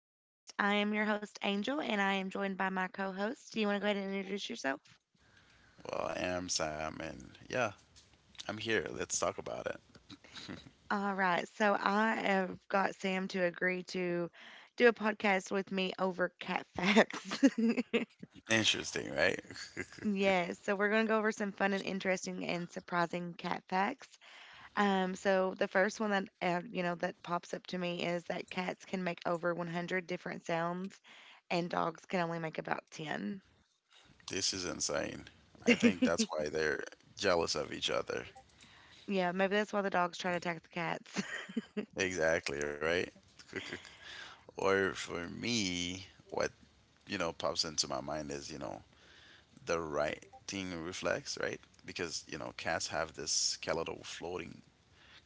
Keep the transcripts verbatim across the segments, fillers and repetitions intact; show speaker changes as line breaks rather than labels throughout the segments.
Podcast. I am your host, Angel, and I am joined by my co host. Do you want to go ahead and introduce yourself?
Well, I am Sam, and yeah, I'm here. Let's talk about it.
All right. So I have got Sam to agree to do a podcast with me over cat facts.
Interesting, right?
Yes, so we're going to go over some fun and interesting and surprising cat facts. Um, so the first one that uh, you know that pops up to me is that cats can make over one hundred different sounds, and dogs can only make about ten.
This is insane. I think that's why they're jealous of each other.
Yeah, maybe that's why the dogs try to attack the cats.
Exactly, right? Or for me, what, you know, pops into my mind is, you know, the right thing reflex, right? Because, you know, cats have this skeletal floating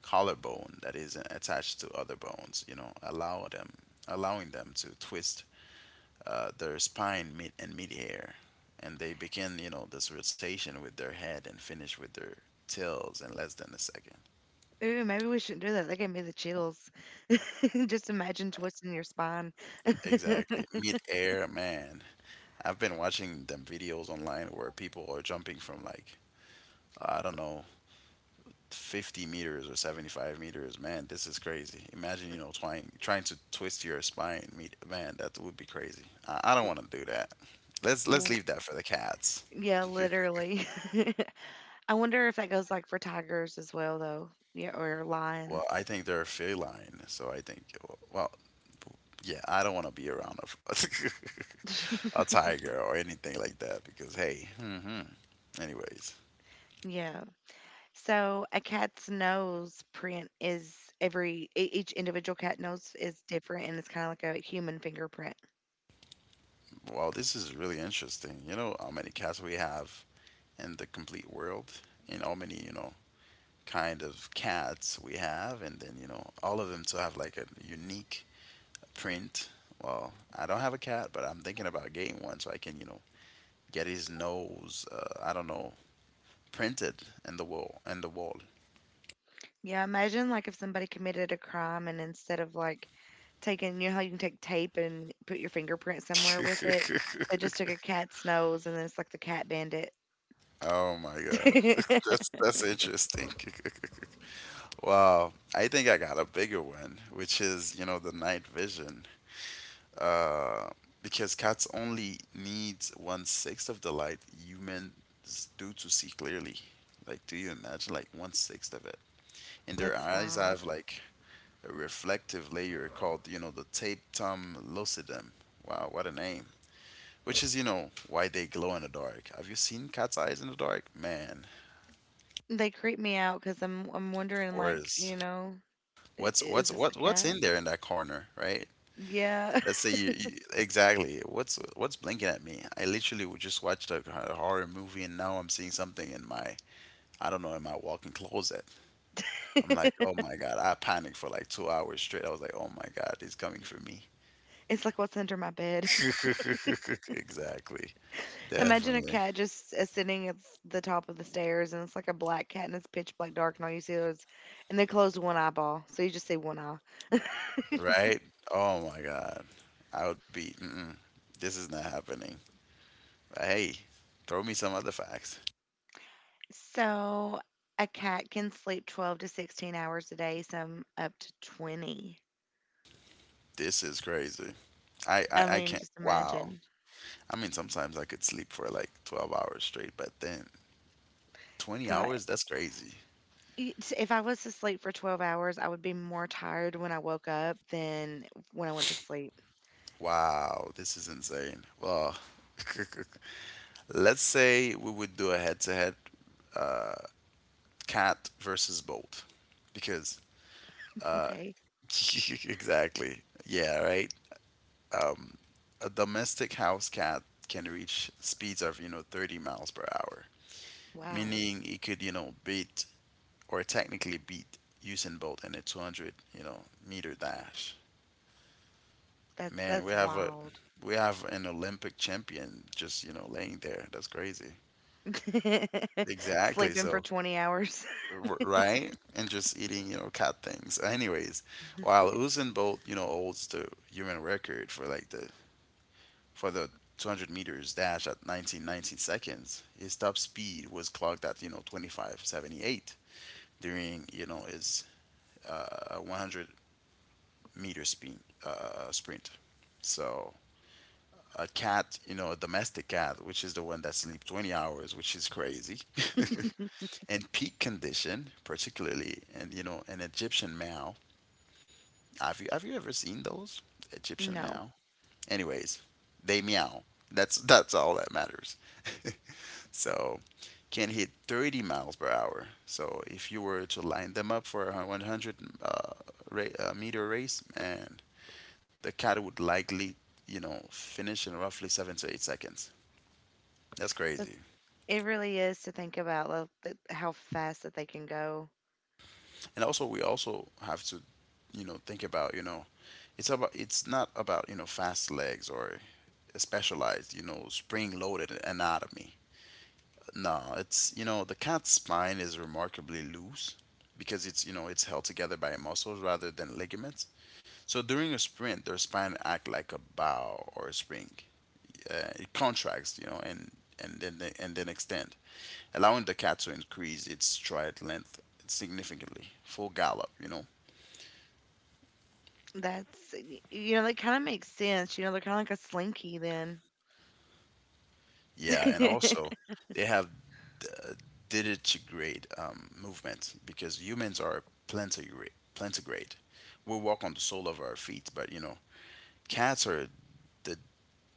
collarbone that isn't attached to other bones, you know, allow them allowing them to twist uh, their spine mid and mid air, and they begin, you know, this rotation with their head and finish with their tails in less than a second.
Ooh, maybe we shouldn't do that. That gave me the chills. Just imagine twisting your spine.
Exactly. Mid air, man. I've been watching them videos online where people are jumping from, like, I don't know, fifty meters or seventy-five meters. Man, this is crazy. Imagine, you know, trying trying to twist your spine. mid- Man, that would be crazy. I, I don't want to do that. Let's let's
L-
leave that for the cats.
yeah, literally. I wonder if that goes like for tigers as well, though. Yeah, or
Well,
lions.
I think they're feline, so I think, well, yeah, I don't want to be around a a tiger or anything like that because, hey, hmm anyways,
Yeah. So a cat's nose print is every e- each individual cat nose is different, and it's kind of like a human fingerprint.
wow, this is really interesting. You know how many cats we have in the complete world, and how many, you know, kind of cats we have, and then, you know, all of them to have like a unique print. Well, I don't have a cat, but I'm thinking about getting one so I can, you know, get his nose, uh, I don't know, printed in the wall, in the wall.
Yeah, imagine like if somebody committed a crime and instead of like taking, you know how you can take tape and put your fingerprint somewhere with it? They just took a cat's nose and then it's like the cat bandit.
Oh my God. That's that's interesting. Wow. I think I got a bigger one, which is, you know, the night vision. Uh, because cats only needs one sixth of the light humans do to see clearly. Like, do you imagine like one sixth of it? And their
That's
eyes
wild.
have like a reflective layer called, you know, the tapetum lucidum. Wow, what a name. Which is, you know, why they glow in the dark. Have you seen cat's eyes in the dark? Man,
They creep me out because I'm I'm wondering, like,
worse.
you know i-
What's
is
what's
this a
what what's
cat?
in there in that corner, right?
Yeah,
Let's say you, you exactly what's what's blinking at me. I literally would just watched a, a horror movie, and now I'm seeing something in my, I don't know, in my walk-in closet. I'm like, oh my god! I panicked for like two hours straight. I was like, oh my god, it's coming for me.
it's like what's under my bed.
Exactly,
Imagine a
definitely,
cat just uh, sitting at s- the top of the stairs, and it's like a black cat, and it's pitch black dark, and all you see is, and they closed one eyeball, so you just see one eye.
right? Oh my god, I would be. Mm-mm, this is not happening. Hey, throw me some other facts.
So a cat can sleep twelve to sixteen hours a day, some up to twenty.
This is crazy. I, I,
I
I
mean,
can't.
just
Wow.
imagine.
I mean, sometimes I could sleep for like twelve hours straight, but then twenty
God,
hours, that's crazy.
it- if I was to sleep for twelve hours, I would be more tired when I woke up than when I went to sleep.
Wow, this is insane. Well, let's say we would do a head-to-head cat versus bolt, because
Okay.
exactly, yeah, right. Um, a domestic house cat can reach speeds of you know thirty miles per hour,
Wow.
meaning it could you know beat or technically beat Usain Bolt in a two hundred, you know, meter dash.
That
Man, we
that's
have a
wild.
we have an Olympic champion just, you know, laying there. That's crazy. Exactly.
Sleeping for
So,
twenty hours.
r- right? And just eating, you know, cat things. Anyways, while Usain Bolt, you know, holds the human record for like the for the two hundred meters dash at nineteen point one nine seconds, his top speed was clocked at, you know, twenty-five point seven eight during, you know, his uh, one hundred meter speed, Uh, sprint. So a cat, you know, a domestic cat, which is the one that sleeps twenty hours, which is crazy, and peak condition, particularly, and you know, an Egyptian meow. Have you have you ever seen those Egyptian
No.
meow? Anyways, they meow. That's that's all that matters. so can hit thirty miles per hour. So if you were to line them up for a one hundred uh, ra- uh, meter race, man, the cat would likely, you know, finish in roughly seven to eight seconds. That's
That's
crazy.
it really is to think about, like, th- how fast that they can go.
And also, we also have to, you know, think about, you know, it's about, it's not about you know fast legs or a specialized, you know, spring-loaded anatomy. No, it's you know the cat's spine is remarkably loose because it's you know it's held together by muscles rather than ligaments. So during a sprint, their spine act like a bow or a spring. Uh, contracts, you know, and and then they, and then extend, allowing the cat to increase its stride length significantly, full gallop, you know.
That's y- you know, that kind of makes sense. You know, they're kind of like a slinky then.
Yeah, and also they have uh, digitigrade um, movement because humans are plantigrade. Plantigrade. We walk on the sole of our feet, but you know, cats are the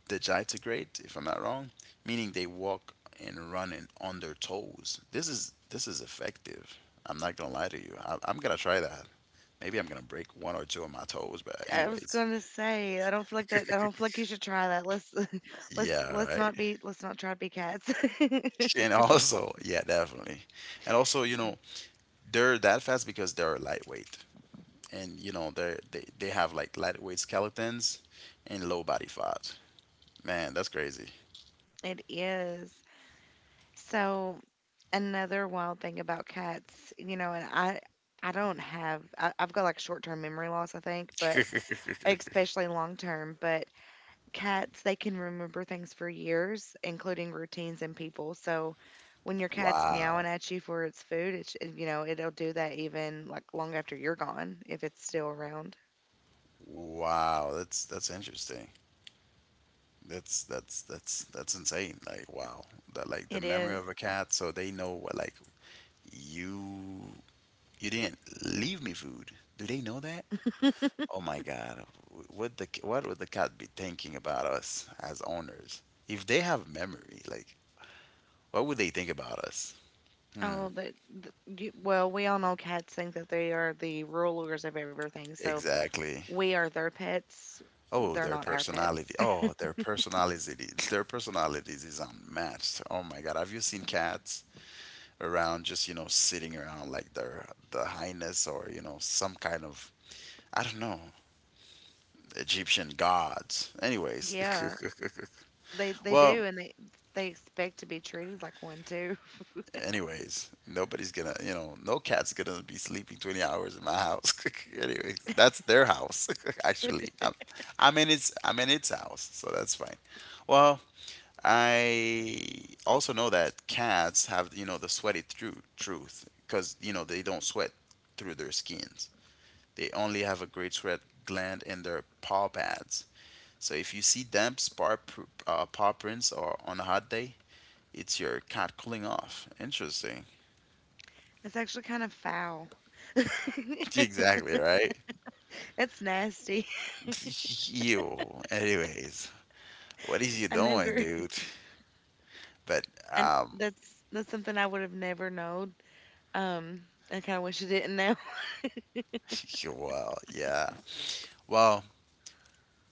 digitigrate, if I'm not wrong, meaning they walk and run in, on their toes. This is this is effective. I'm not gonna lie to you. I, I'm gonna try that. Maybe I'm gonna break one or two of my toes, but
I was
anyways,
gonna say, I don't feel like that. I don't feel like you should try that. Let's let's
yeah,
let's
right.
not be let's not try to be cats.
And also, yeah, definitely. And also, you know, they're that fast because they're lightweight, and you know, they're they they have like lightweight skeletons and low body fat. Man, that's crazy.
It is. So another wild thing about cats, you know, and I I don't have I, I've got, like, short term memory loss, I think, but especially long term. But cats, they can remember things for years, including routines and people. So when your cat's
Wow.
meowing at you for its food, it's, you know, it'll do that even like long after you're gone if it's still around.
Wow, that's that's interesting. That's that's that's that's insane. Like wow, that, like the
It
memory
is.
of a cat. So they know what, like, you you didn't leave me food. Do they know that? Oh my God, w- would the c- what would the cat be thinking about us as owners? If they have memory, like what would they think about us?
Oh,
Hmm.
the, the, you, well, we all know cats think that they are the rulers of everything. So
Exactly.
we are their pets.
Oh,
They're
their
not our
personality.
pets.
Oh, their personalities. Their personalities is unmatched. Oh my God, have you seen cats around just you know sitting around like their the highness or you know some kind of, I don't know, Egyptian gods. Anyways,
Yeah, they they
well,
do, and they they expect to be treated like one too.
anyways, nobody's gonna you know no cat's gonna be sleeping twenty hours in my house. anyways, that's their house, actually. I'm, I'm in its, I'm in its house, so that's fine. Well, I also know that cats have you know the sweaty tru- truth because you know they don't sweat through their skins. They only have a great red gland in their paw pads. So if you see damp spar uh, paw prints or on a hot day, it's your cat cooling off. Interesting.
It's actually kind of foul.
Exactly, right?
It's nasty.
Ew. Anyways, what is you
I
doing,
never,
dude? But
and
um,
that's that's something I would have never known. Um, I kind of wish I didn't know.
well, yeah. Well,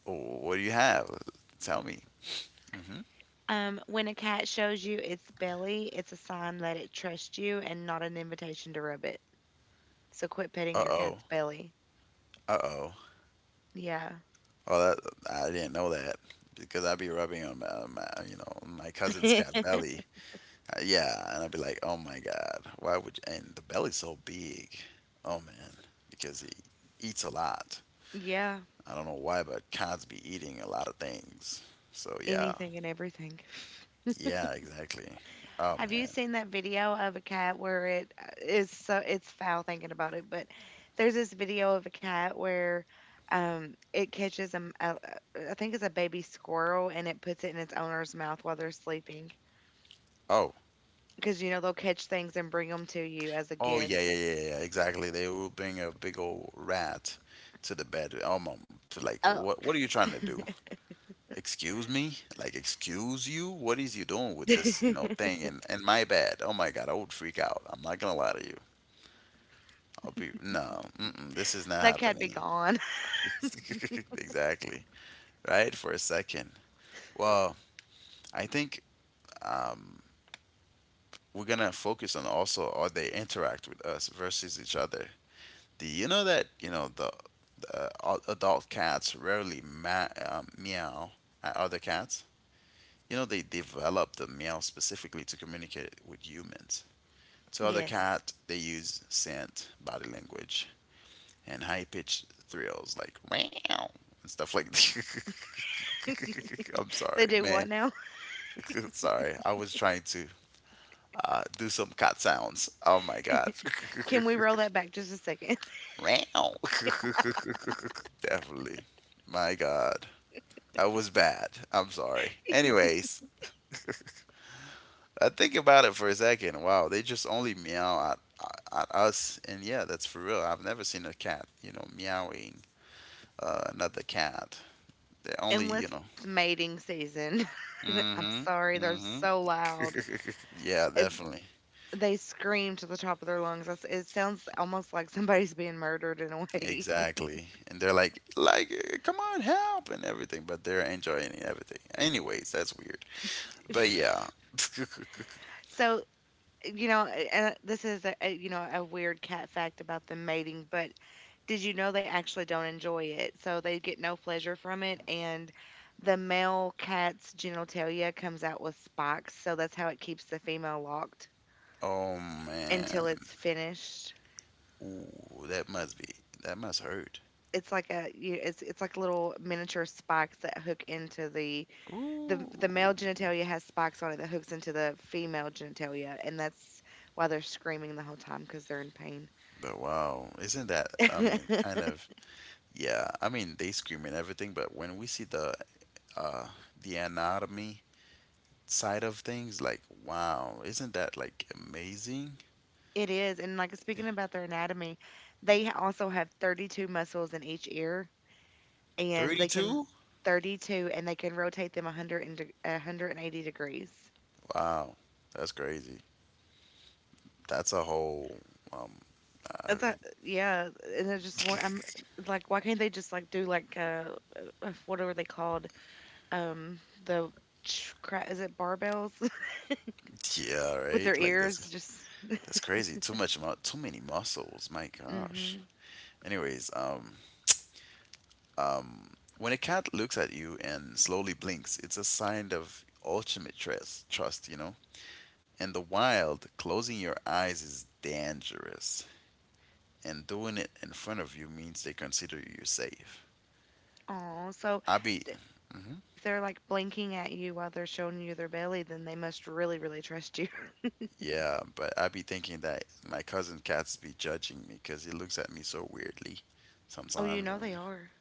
what do you have? Tell me. Hmm
Um, when a cat shows you its belly, it's a sign that it trusts you and not an invitation to rub it. So quit petting
Uh
your
oh.
cat's belly.
Uh oh.
Yeah,
Oh, that, I didn't know that because I'd be rubbing on my, on my you know, my cousin's cat belly. Uh, Yeah, and I'd be like, oh my god, why would you? And the belly's so big. Oh man, because he eats a lot.
yeah,
I don't know why, but cats be eating a lot of things. So yeah,
anything and everything.
yeah, exactly. Oh
Have you
man.
seen that video of a cat where it uh, is, so it's foul thinking about it, but there's this video of a cat where um it catches a, m- a- a- I think it's a baby squirrel, and it puts it in its owner's mouth while they're sleeping
Oh,
because you know they'll catch things and bring them to you as a
oh, yeah, yeah,
gift.
yeah, yeah, yeah, exactly. They will bring a big old rat to the bed. Oh mom, to, like,
Oh,
what, what are you trying to do? Excuse me? Like, excuse you? What is you doing with this, you know,
that
thing in in my bed? Oh my god, I would freak out. I'm not gonna lie to you. I'll be no. Mm-mm, this is not
cat be
happening.
gone.
exactly. Right for a second. Well, I think um, we're gonna focus on also how they interact with us versus each other. Do you know that you know the, the uh, adult cats rarely ma- um, meow at other cats. You know they developed the meow specifically to communicate with humans. To other
Yes.
cat, they use scent, body language, and high pitched thrills like meow and stuff like that. I'm
They
sorry,
do what
man.
now?
sorry, I was trying to uh, do some cat sounds. Oh my god.
Can we roll that back just a second?
meow. Definitely. My god. That was bad. I'm sorry. Anyways, I think about it for a second. Wow, they just only meow at, at us. And yeah, that's for real. I've never seen a cat, you know, meowing uh, another cat. They only, you
Unless
know.
it's mating season. I'm
Hmm
sorry, they're
hmm
so loud.
Yeah, definitely.
They scream to the top of their lungs. That's It sounds almost like somebody's being murdered in a way.
Exactly. And they're like, like, eh, come on, help and everything, but they're enjoying everything. Anyways, that's weird. But yeah.
So, you know, and uh, this is a, a you know, a weird cat fact about them mating, but did you know they actually don't enjoy it? So they get no pleasure from it, and the male cat's genitalia comes out with spikes, so that's how it keeps the female locked
Oh man.
until it's finished.
Ooh, that must be, that must hurt.
It's like a you it's it's like little miniature spikes that hook into the the
Ooh.
the male genitalia has spikes on it that hooks into the female genitalia, and that's why they're screaming the whole time because they're in pain.
But wow, isn't that, I mean, kind of, yeah, I mean they scream and everything, but when we see the uh the anatomy side of things, like, wow, isn't that like amazing?
It is, and, like, speaking about their anatomy, they ha- also have thirty-two muscles in each ear, and they can
thirty-two?
thirty-two, and they can rotate them one hundred and de- one hundred eighty degrees.
Wow, that's crazy. That's a whole, um, uh,
It's a, yeah, and I just want I'm like, why can't they just like do, like, uh what are they called? Um, the ch- cra- is it barbells
yeah,
with their
right? Like that's
ears? Just.
that's crazy. Too much, mu- too many muscles. My gosh.
hmm
Anyways, um, um, when a cat looks at you and slowly blinks, it's a sign of ultimate trust. Trust, you know. In the wild, closing your eyes is dangerous, and doing it in front of you means they consider you safe.
Oh, so
I be,
d
mhm.
if they're, like, blinking at you while they're showing you their belly, then they must really, really trust you.
Yeah, but I be thinking that my cousin cats be judging me because he looks at me so weirdly
Oh, you
sometimes.
know
And
they are.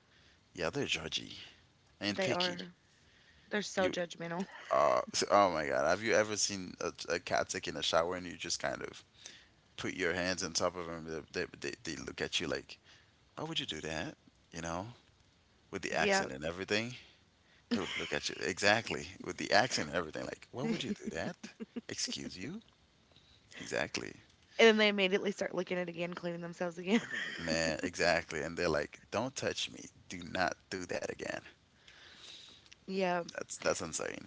yeah, they're judgy and
They
picky.
are. They're so
You,
judgmental.
uh, oh my God, have you ever seen a, a cat taking a shower and you just kind of put your hands on top of them? They, they, they they look at you like, why would you do that? You know, with the
Yeah.
accent and everything. They would look at you exactly with the accent and everything. Like, why would you
And
do that? Excuse you? Exactly,
then they immediately start looking at it again, cleaning themselves again.
man. Exactly. And they're like, don't touch me. Do not do that again.
Yeah.
That's that's insane.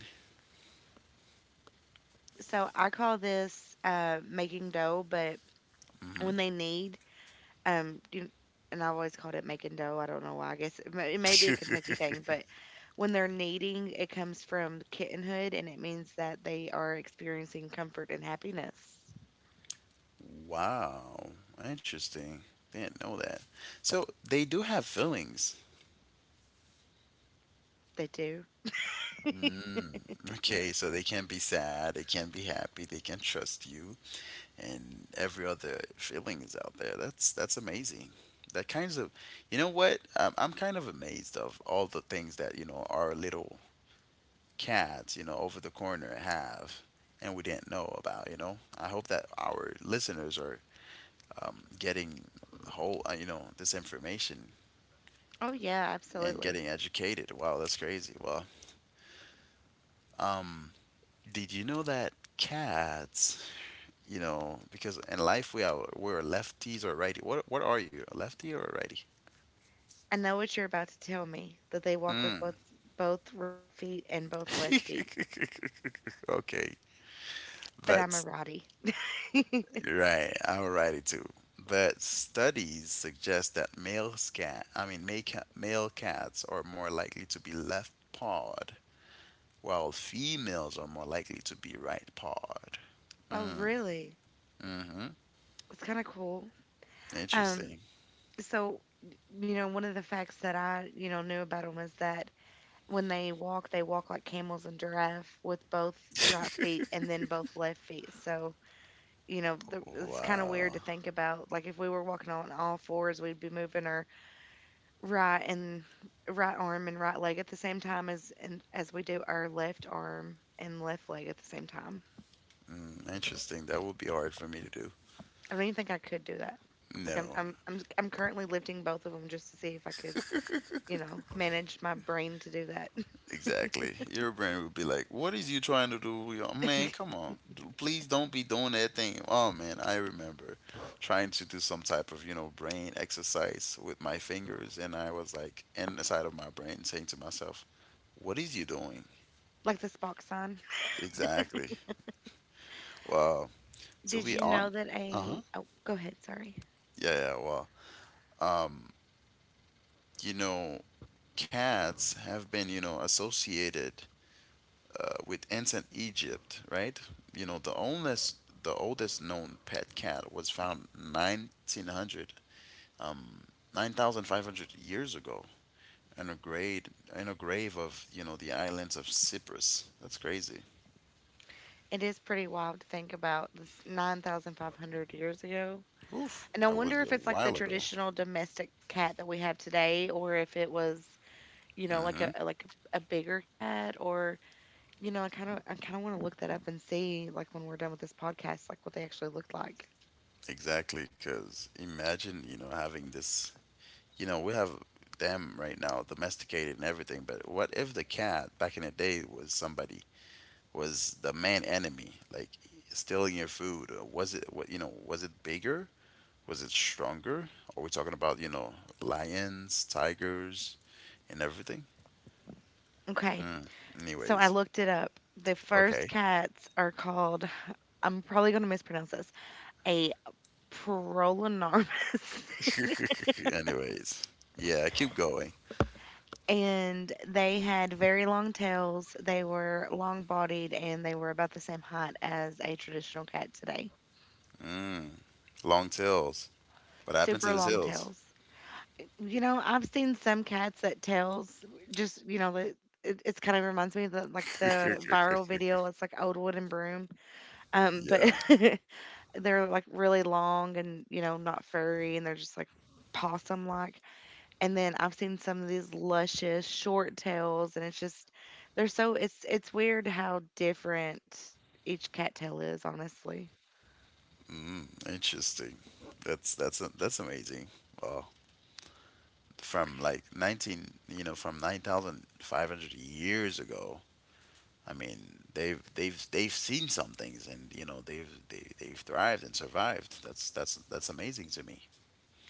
So I call this uh, making dough, but
Hmm
when they need, Um, you, and I always called it making dough. I don't know why. I guess it may, it may be a Kentucky thing, but when they're kneading, it comes from kittenhood, and it means that they are experiencing comfort and happiness.
Wow, interesting. Didn't know that. So they do have feelings.
They do.
Mm, okay, so they can be sad, they can be happy, they can trust you, and every other feelings out there. That's that's amazing. That kinds of, you know what? I'm, I'm kind of amazed of all the things that you know our little cats, you know, over the corner have, and we didn't know about. You know, I hope that our listeners are um, getting whole, uh, you know, this information
Oh yeah,
and
absolutely.
getting educated. Wow, that's crazy. Well, um, did you know that cats, you know, because in life we are we're lefties or righty. What what are you? A lefty or a righty?
I know what you're about to tell me, that they walk with
Mm.
both both right feet and both left feet,
Okay,
but I'm a
but
righty.
right, alrighty too. But studies suggest that male cat, I mean, male, ca- male cats are more likely to be left pawed, while females are more likely to be right pawed.
Oh really?
Mm-hmm.
It's kind of cool. Um,
Interesting.
so you know, one of the facts that I you know knew about them was that when they walk, they walk like camels and giraffe with both right feet and then both left feet. So, you know, the, it's kind of weird
Wow.
to think about. Like, if we were walking on all fours, we'd be moving our right and right arm and right leg at the same time, as and as we do our left arm and left leg at the same time.
Hmm, interesting. That would be hard for me to do.
I don't even think I could do that. Like, I'm,
No.
I'm, I'm, I'm currently lifting both of them just to see if I could, you know, manage my brain to do that.
Exactly. Your brain would be like, "What is you trying to do? You man, come on. D- Please don't be doing that thing." Oh man, I remember trying to do some type of, you know, brain exercise with my fingers and I was like inside of my brain saying to myself, "What is you doing?"
Like the Spock sign.
Exactly. Well, to
Did
be
you know
on.
that
Uh-huh.
a? Oh, go ahead. Sorry.
Yeah, yeah, well. Um, you know, cats have been, you know, associated uh, with ancient Egypt, right? You know, the oldest the oldest known pet cat was found nineteen hundred, um, nine thousand five hundred years ago in a grave in a grave of you know the islands of Cyprus. That's crazy.
It is pretty wild to think about this nine thousand five hundred years ago.
Oof,
And I
that
wonder
was
if
a
it's like the
while ago.
traditional domestic cat that we have today, or if it was, you know, like a
Hmm
like a, a bigger cat, or you know, I kind of I kind of want to look that up and see, like when we're done with this podcast, like what they actually looked like.
Exactly, because imagine you know having this. You know we have them right now domesticated and everything, but what if the cat back in the day was somebody? Was the main enemy, like stealing your food? Uh, Was it what you know? Was it bigger? Was it stronger? Are we talking about you know lions, tigers, and everything?
Okay,
Mm,
so I
anyways,
looked it up. The first
okay.
cats are called, I'm probably going to mispronounce this, a prolonormus.
Anyways, yeah, keep going.
And they had very long tails. They were long bodied, and they were about the same height as a traditional cat today.
Mm, long tails. What happened to
Super
the
long
tails?
tails. You know, I've seen some cats that tails just, you know, it, it, it's kind of reminds me of the, like the viral video. It's like old wooden broom. Um, but
Yeah,
they're, like, really long and, you know, not furry, and they're just, like, possum like. And then I've seen some of these luscious short tails, and it's just they're so it's it's weird how different each cattail is, honestly.
interesting. That's that's that's amazing. Wow. From like nineteen, you know, from nine thousand five hundred years ago I mean, they've they've they've seen some things, and you know they've they, they've thrived and survived. That's that's that's amazing to me.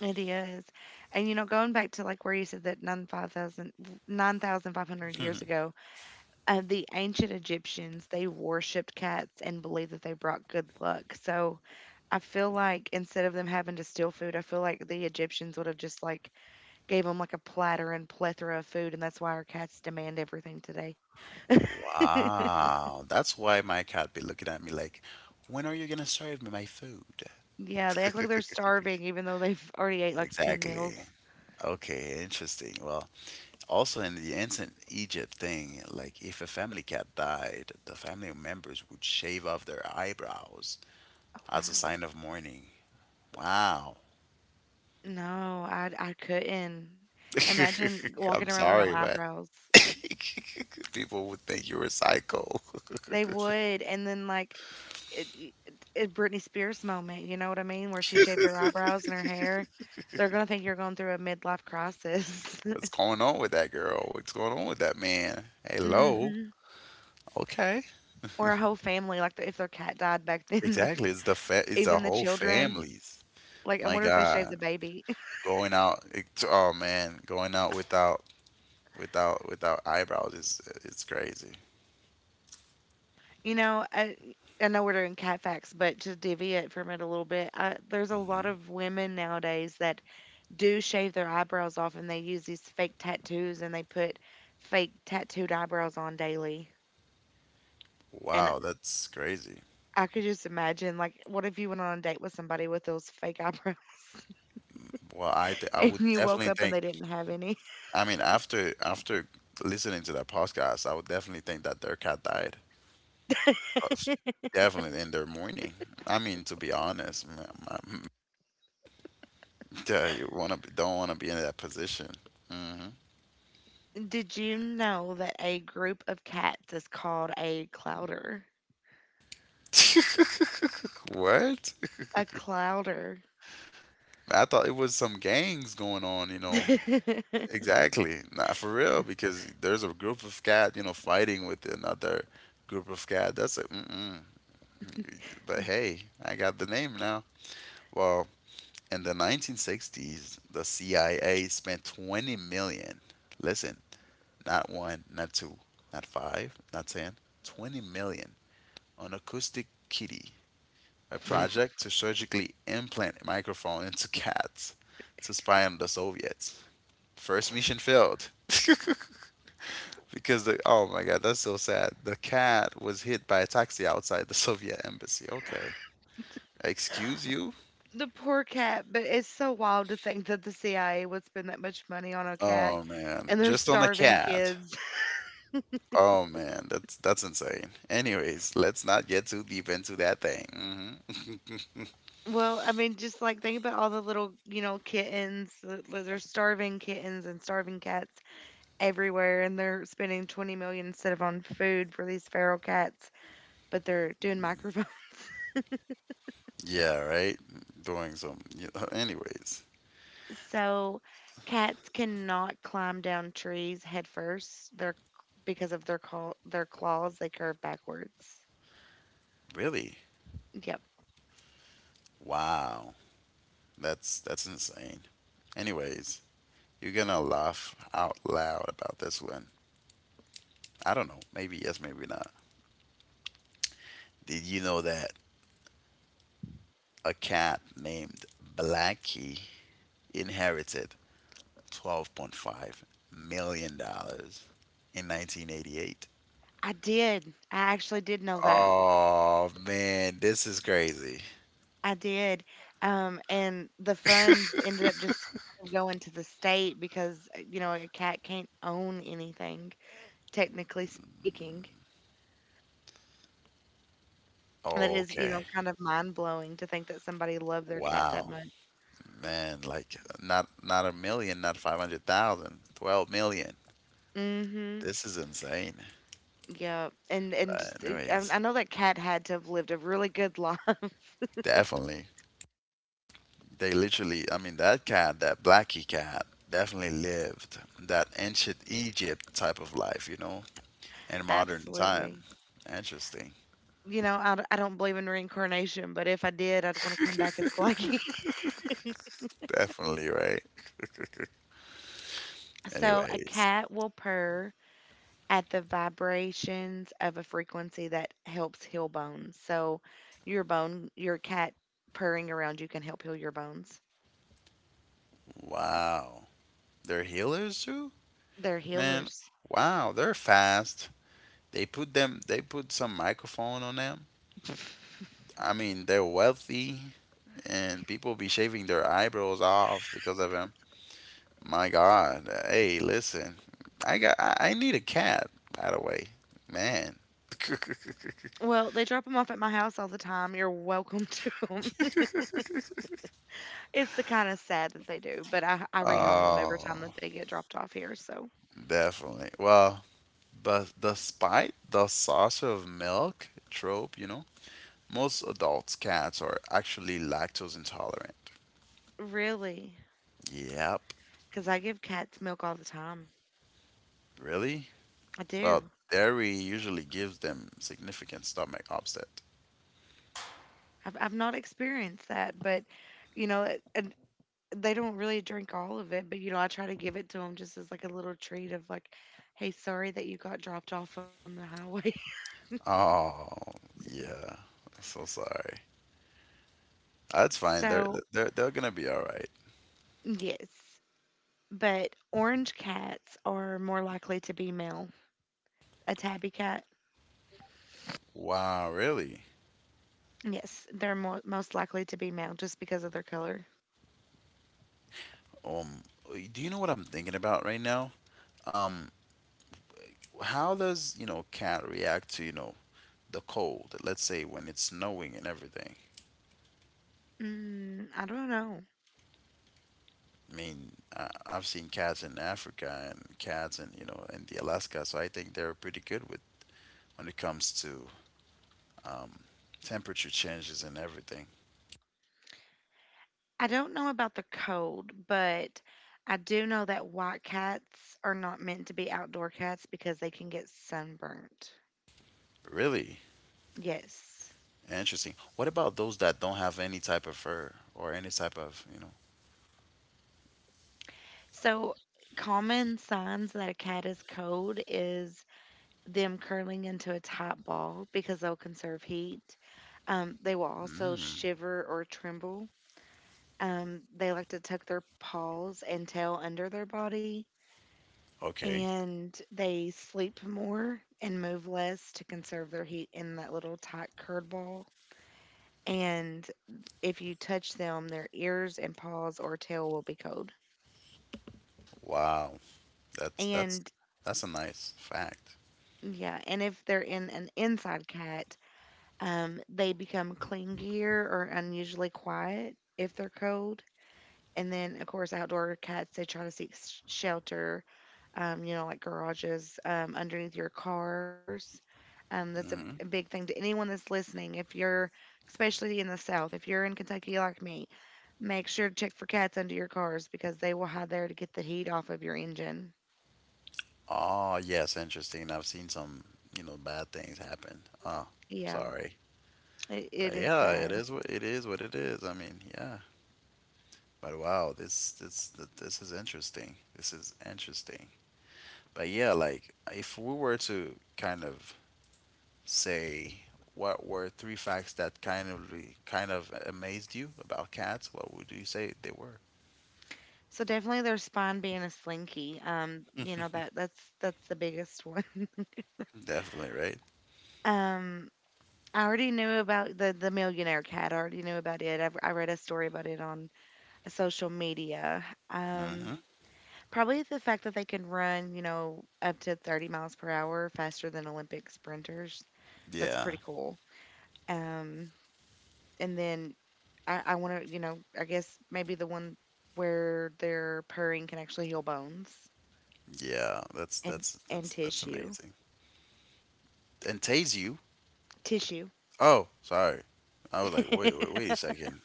It is, and you know, going back to like where you said that nine five thousand nine thousand five hundred years ago, uh, the ancient Egyptians, they worshipped cats and believed that they brought good luck. So I feel like instead of them having to steal food, I feel like the Egyptians would have just, like, gave them, like, a platter and plethora of food, and that's why our cats demand everything today.
Wow, that's why my cat be looking at me like, when are you gonna serve me my food?
Yeah, they act like they're starving even though they've already ate, like, ten
Exactly.
meals.
Okay, interesting. Well, also in the ancient Egypt thing, like if a family cat died, the family members would shave off their eyebrows
Oh,
as a
wow.
sign of mourning. Wow.
No, I I couldn't. Imagine walking
I'm
around with no
sorry, but
eyebrows.
people would think you were psycho.
They would, and then, like, it it it Britney Spears moment, you know what I mean, where she shaved her eyebrows and her hair. They're gonna think you're going through a midlife crisis.
What's going on with that girl? What's going on with that man? Hello.
Mhm.
Okay.
Or a whole family, like, if their cat died back then, they
Exactly. It's the fa- it's the
even the
whole
children.
families.
Like, I
My
wonder if they shaved
God,
the baby.
going out. It, oh man, going out without without without eyebrows is it's crazy.
You know, I, I know we're doing cat facts, but to divvy it from it a little bit, I, there's a lot
Hmm
of women nowadays that do shave their eyebrows off and they use these fake tattoos and they put fake tattooed eyebrows on daily. And
Wow, that's crazy.
I could just imagine, like, what if you went on a date with somebody with those fake eyebrows
Well, I th- I
and
would
you woke
definitely
up and
think.
they didn't have any?
I mean, after after listening to that podcast, I would definitely think that their cat died. Oh, s- Definitely in their morning. I mean, to be honest, m m- yeah, you wanna be, don't wanna be in that position. Hmm
Did you know that a group of cats is called a clouder?
What?
A clouder.
I thought it was some gangs going on, you know. Exactly. Not for real, because there's a group of cat, you know, fighting with another group of cat. That's a mm-mm. But hey, I got the name now. Well, in the nineteen sixties, the C I A spent twenty million. Listen, not one, not two, not five, not ten, twenty million. twenty million on Acoustic Kitty, a project to surgically implant a microphone into cats to spy on the Soviets. First mission failed. Because the oh my god, that's so sad. The cat was hit by a taxi outside the Soviet embassy. Okay. Excuse you?
The poor cat, but it's so wild to think that the C I A would spend that much money on a cat
Oh man,
and they're
just on the
starving
cat.
kids.
Oh man, that's that's insane. Anyways, let's not get too deep into that thing. Hmm
Well, I mean, just like think about all the little, you know, kittens. th- th- There's starving kittens and starving cats everywhere, and they're spending twenty million instead of on food for these feral cats, but they're doing microphones.
Yeah, right? Doing some. You anyways,
So cats cannot climb down trees headfirst. they They're because of their call, their claws, they curve backwards.
really?
Yep.
Wow. That's that's insane. Anyways, you're gonna laugh out loud about this one. I don't know. Maybe yes, maybe not. Did you know that a cat named Blackie inherited twelve point five million dollars in nineteen eighty-eight?
I did. I actually did know that.
Oh man, this is crazy.
I did. Um, and the funds ended up just kind of going to the state because, uh, you know, a cat can't own anything, technically speaking. That is, you
Okay.
know, kind of mind blowing to think that somebody loved their cat that
Wow.
much.
Man, like not not a million, not five hundred thousand, twelve million.
Mm-hmm.
This is insane.
Yeah. And and
But
just uh, I, I
anyways,
know that cat had to have lived a really good life.
definitely. They literally, I mean, that cat, that blacky cat, definitely lived that ancient Egypt type of life, you know, in modern time.
Absolutely.
Interesting.
You know, I, d- I don't believe in reincarnation, but if I did, I'd want to come back as Blackie.
Definitely, right?
So a
Anyways,
cat will purr at the vibrations of a frequency that helps heal bones. So your bone, your cat purring around you can help heal your bones.
wow. They're healers too?
They're
Man,
healers.
wow, they're fast. They put them they put some microphone on them I mean, they're wealthy, and people be shaving their eyebrows off because of him. My God, hey, listen, I got, I, I need a cat. By the way, man.
Well, they drop them off at my house all the time. You're welcome to them. It's the kind of sad that they do, but I, I rehome them every time that
Oh,
they get dropped off here. So
definitely. Well, but despite the saucer of milk trope, you know, most adults' cats are actually lactose intolerant.
really,
Yep.
because I give cats milk all the time.
Really?
I
Well,
do.
dairy usually gives them significant stomach upset.
I've, I've not experienced that, but you know, it, and they don't really drink all of it, but you know, I try to give it to them just as like a little treat of like, hey, sorry that you got dropped off on the highway.
Oh, yeah. I'm so sorry. That's fine. They're
So,
they're they're gonna be all right.
yes. But orange cats are more likely to be male. A tabby cat,
Wow, really?
yes, they're mo- most likely to be male just because of their color.
Um, do you know what I'm thinking about right now? Um, how does, you know, cat react to, you know, the cold? Let's say when it's snowing and everything.
Mm, I don't know.
I mean, I, I've seen cats in Africa and cats in, you know, in the Alaska, so I think they're pretty good with when it comes to um, temperature changes and everything.
I don't know about the cold, but I do know that white cats are not meant to be outdoor cats because they can get sunburnt.
Really?
Yes.
Interesting. What about those that don't have any type of fur or any type of, you know?
So, common signs that a cat is cold is them curling into a tight ball because they'll conserve heat. Um, they will also
Mm,
shiver or tremble. Um, they like to tuck their paws and tail under their body,
okay.
and they sleep more and move less to conserve their heat in that little tight curd ball. And if you touch them, their ears and paws or tail will be cold.
Wow. That's that's
And
that's a nice fact.
yeah, and if they're in an inside cat, um, they become clingier or unusually quiet if they're cold. And then, of course, outdoor cats, they try to seek s- shelter, um, you know, like garages, um, underneath your cars. Um, that's a, a
Hmm
big thing to anyone that's listening. If you're, especially in the South, if you're in Kentucky like me, make sure to check for cats under your cars because they will hide there to get the heat off of your engine.
Oh, yes, interesting. I've seen some, you know, bad things happen. Oh,
Yeah,
sorry.
it, it
But
is
yeah, it
sad.
is what it is what it is. I mean, yeah. But wow, this this th- this is interesting. This is interesting. But yeah, like if we were to kind of say what were three facts that kind of re- kind of amazed you about cats, what would you say they were?
So definitely their spawn being a slinky. Um, you know that that's that's the biggest one.
Definitely, right?
Um, I already knew about the the millionaire cat. I already knew about it. I've, I read a story about it on social media. Um,
hmm
probably the fact that they can run, you know, up to thirty miles per hour faster than Olympic sprinters. That's
Yeah,
pretty cool. Um, and then I, I want to, you know, I guess maybe the one where their purring can actually heal bones
yeah. That's
and
that's
and
that's that's
tissue.
amazing. And tase you?
Tissue.
Oh, sorry. I was like, wait, wait, wait a second.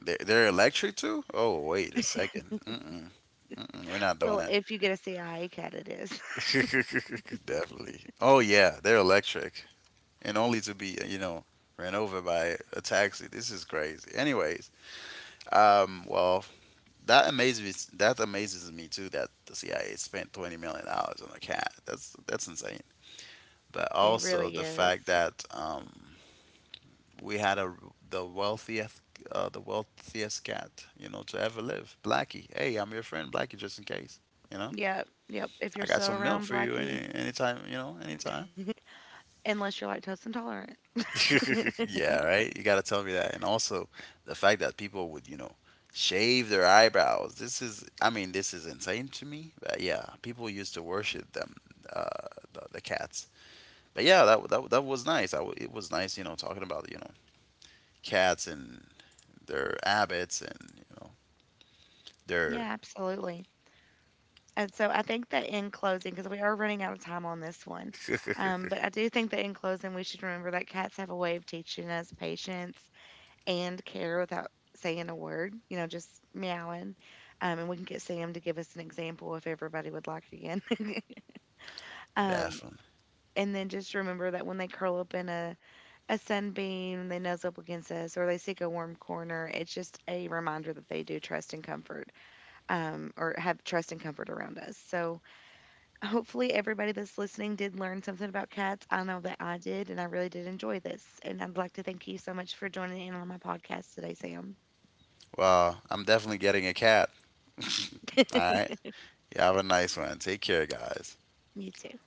They're, they're electric too? Oh, wait a second. Mm-mm, mm-mm, we're not doing
Well,
it.
if you get a C I A cut, it is.
Definitely. Oh yeah, they're electric, and only to be you know ran over by a taxi. This is crazy. Anyways, Um, well, that amazes me. That amazes me too. That the C I A spent twenty million dollars on a cat. That's that's insane. But
It
also
really
the fact
is.
that um, we had a the wealthiest uh, the wealthiest cat you know to ever live. Blackie, hey, I'm your friend, Blackie, just in case. You know,
Yep, yep. If
I
you're
got
still
some milk
around
for you
Blackie,
any anytime. You know, anytime.
unless you're lactose intolerant.
Yeah, right? You gotta tell me that. And also the fact that people would, you know, shave their eyebrows. This is, I mean, this is insane to me. But yeah, people used to worship them, uh, the, the cats. But yeah, that that that was nice. I w It was nice, you know, talking about, you know, cats and their habits and, you know, their
Yeah, absolutely. And so I think that in closing, because we are running out of time on this one, um, but I do think that in closing, we should remember that cats have a way of teaching us patience and care without saying a word, you know, just meowing. Um, and we can get Sam to give us an example if everybody would like again. Um,
definitely.
and then just remember that when they curl up in a, a sunbeam, they nose up against us, or they seek a warm corner, it's just a reminder that they do trust and comfort, um, or have trust and comfort around us. So hopefully, everybody that's listening did learn something about cats. I know that I did, and I really did enjoy this. And I'd like to thank you so much for joining in on my podcast today, Sam.
Well, I'm definitely getting a cat. All right. You have a nice one. Take care, guys.
You too.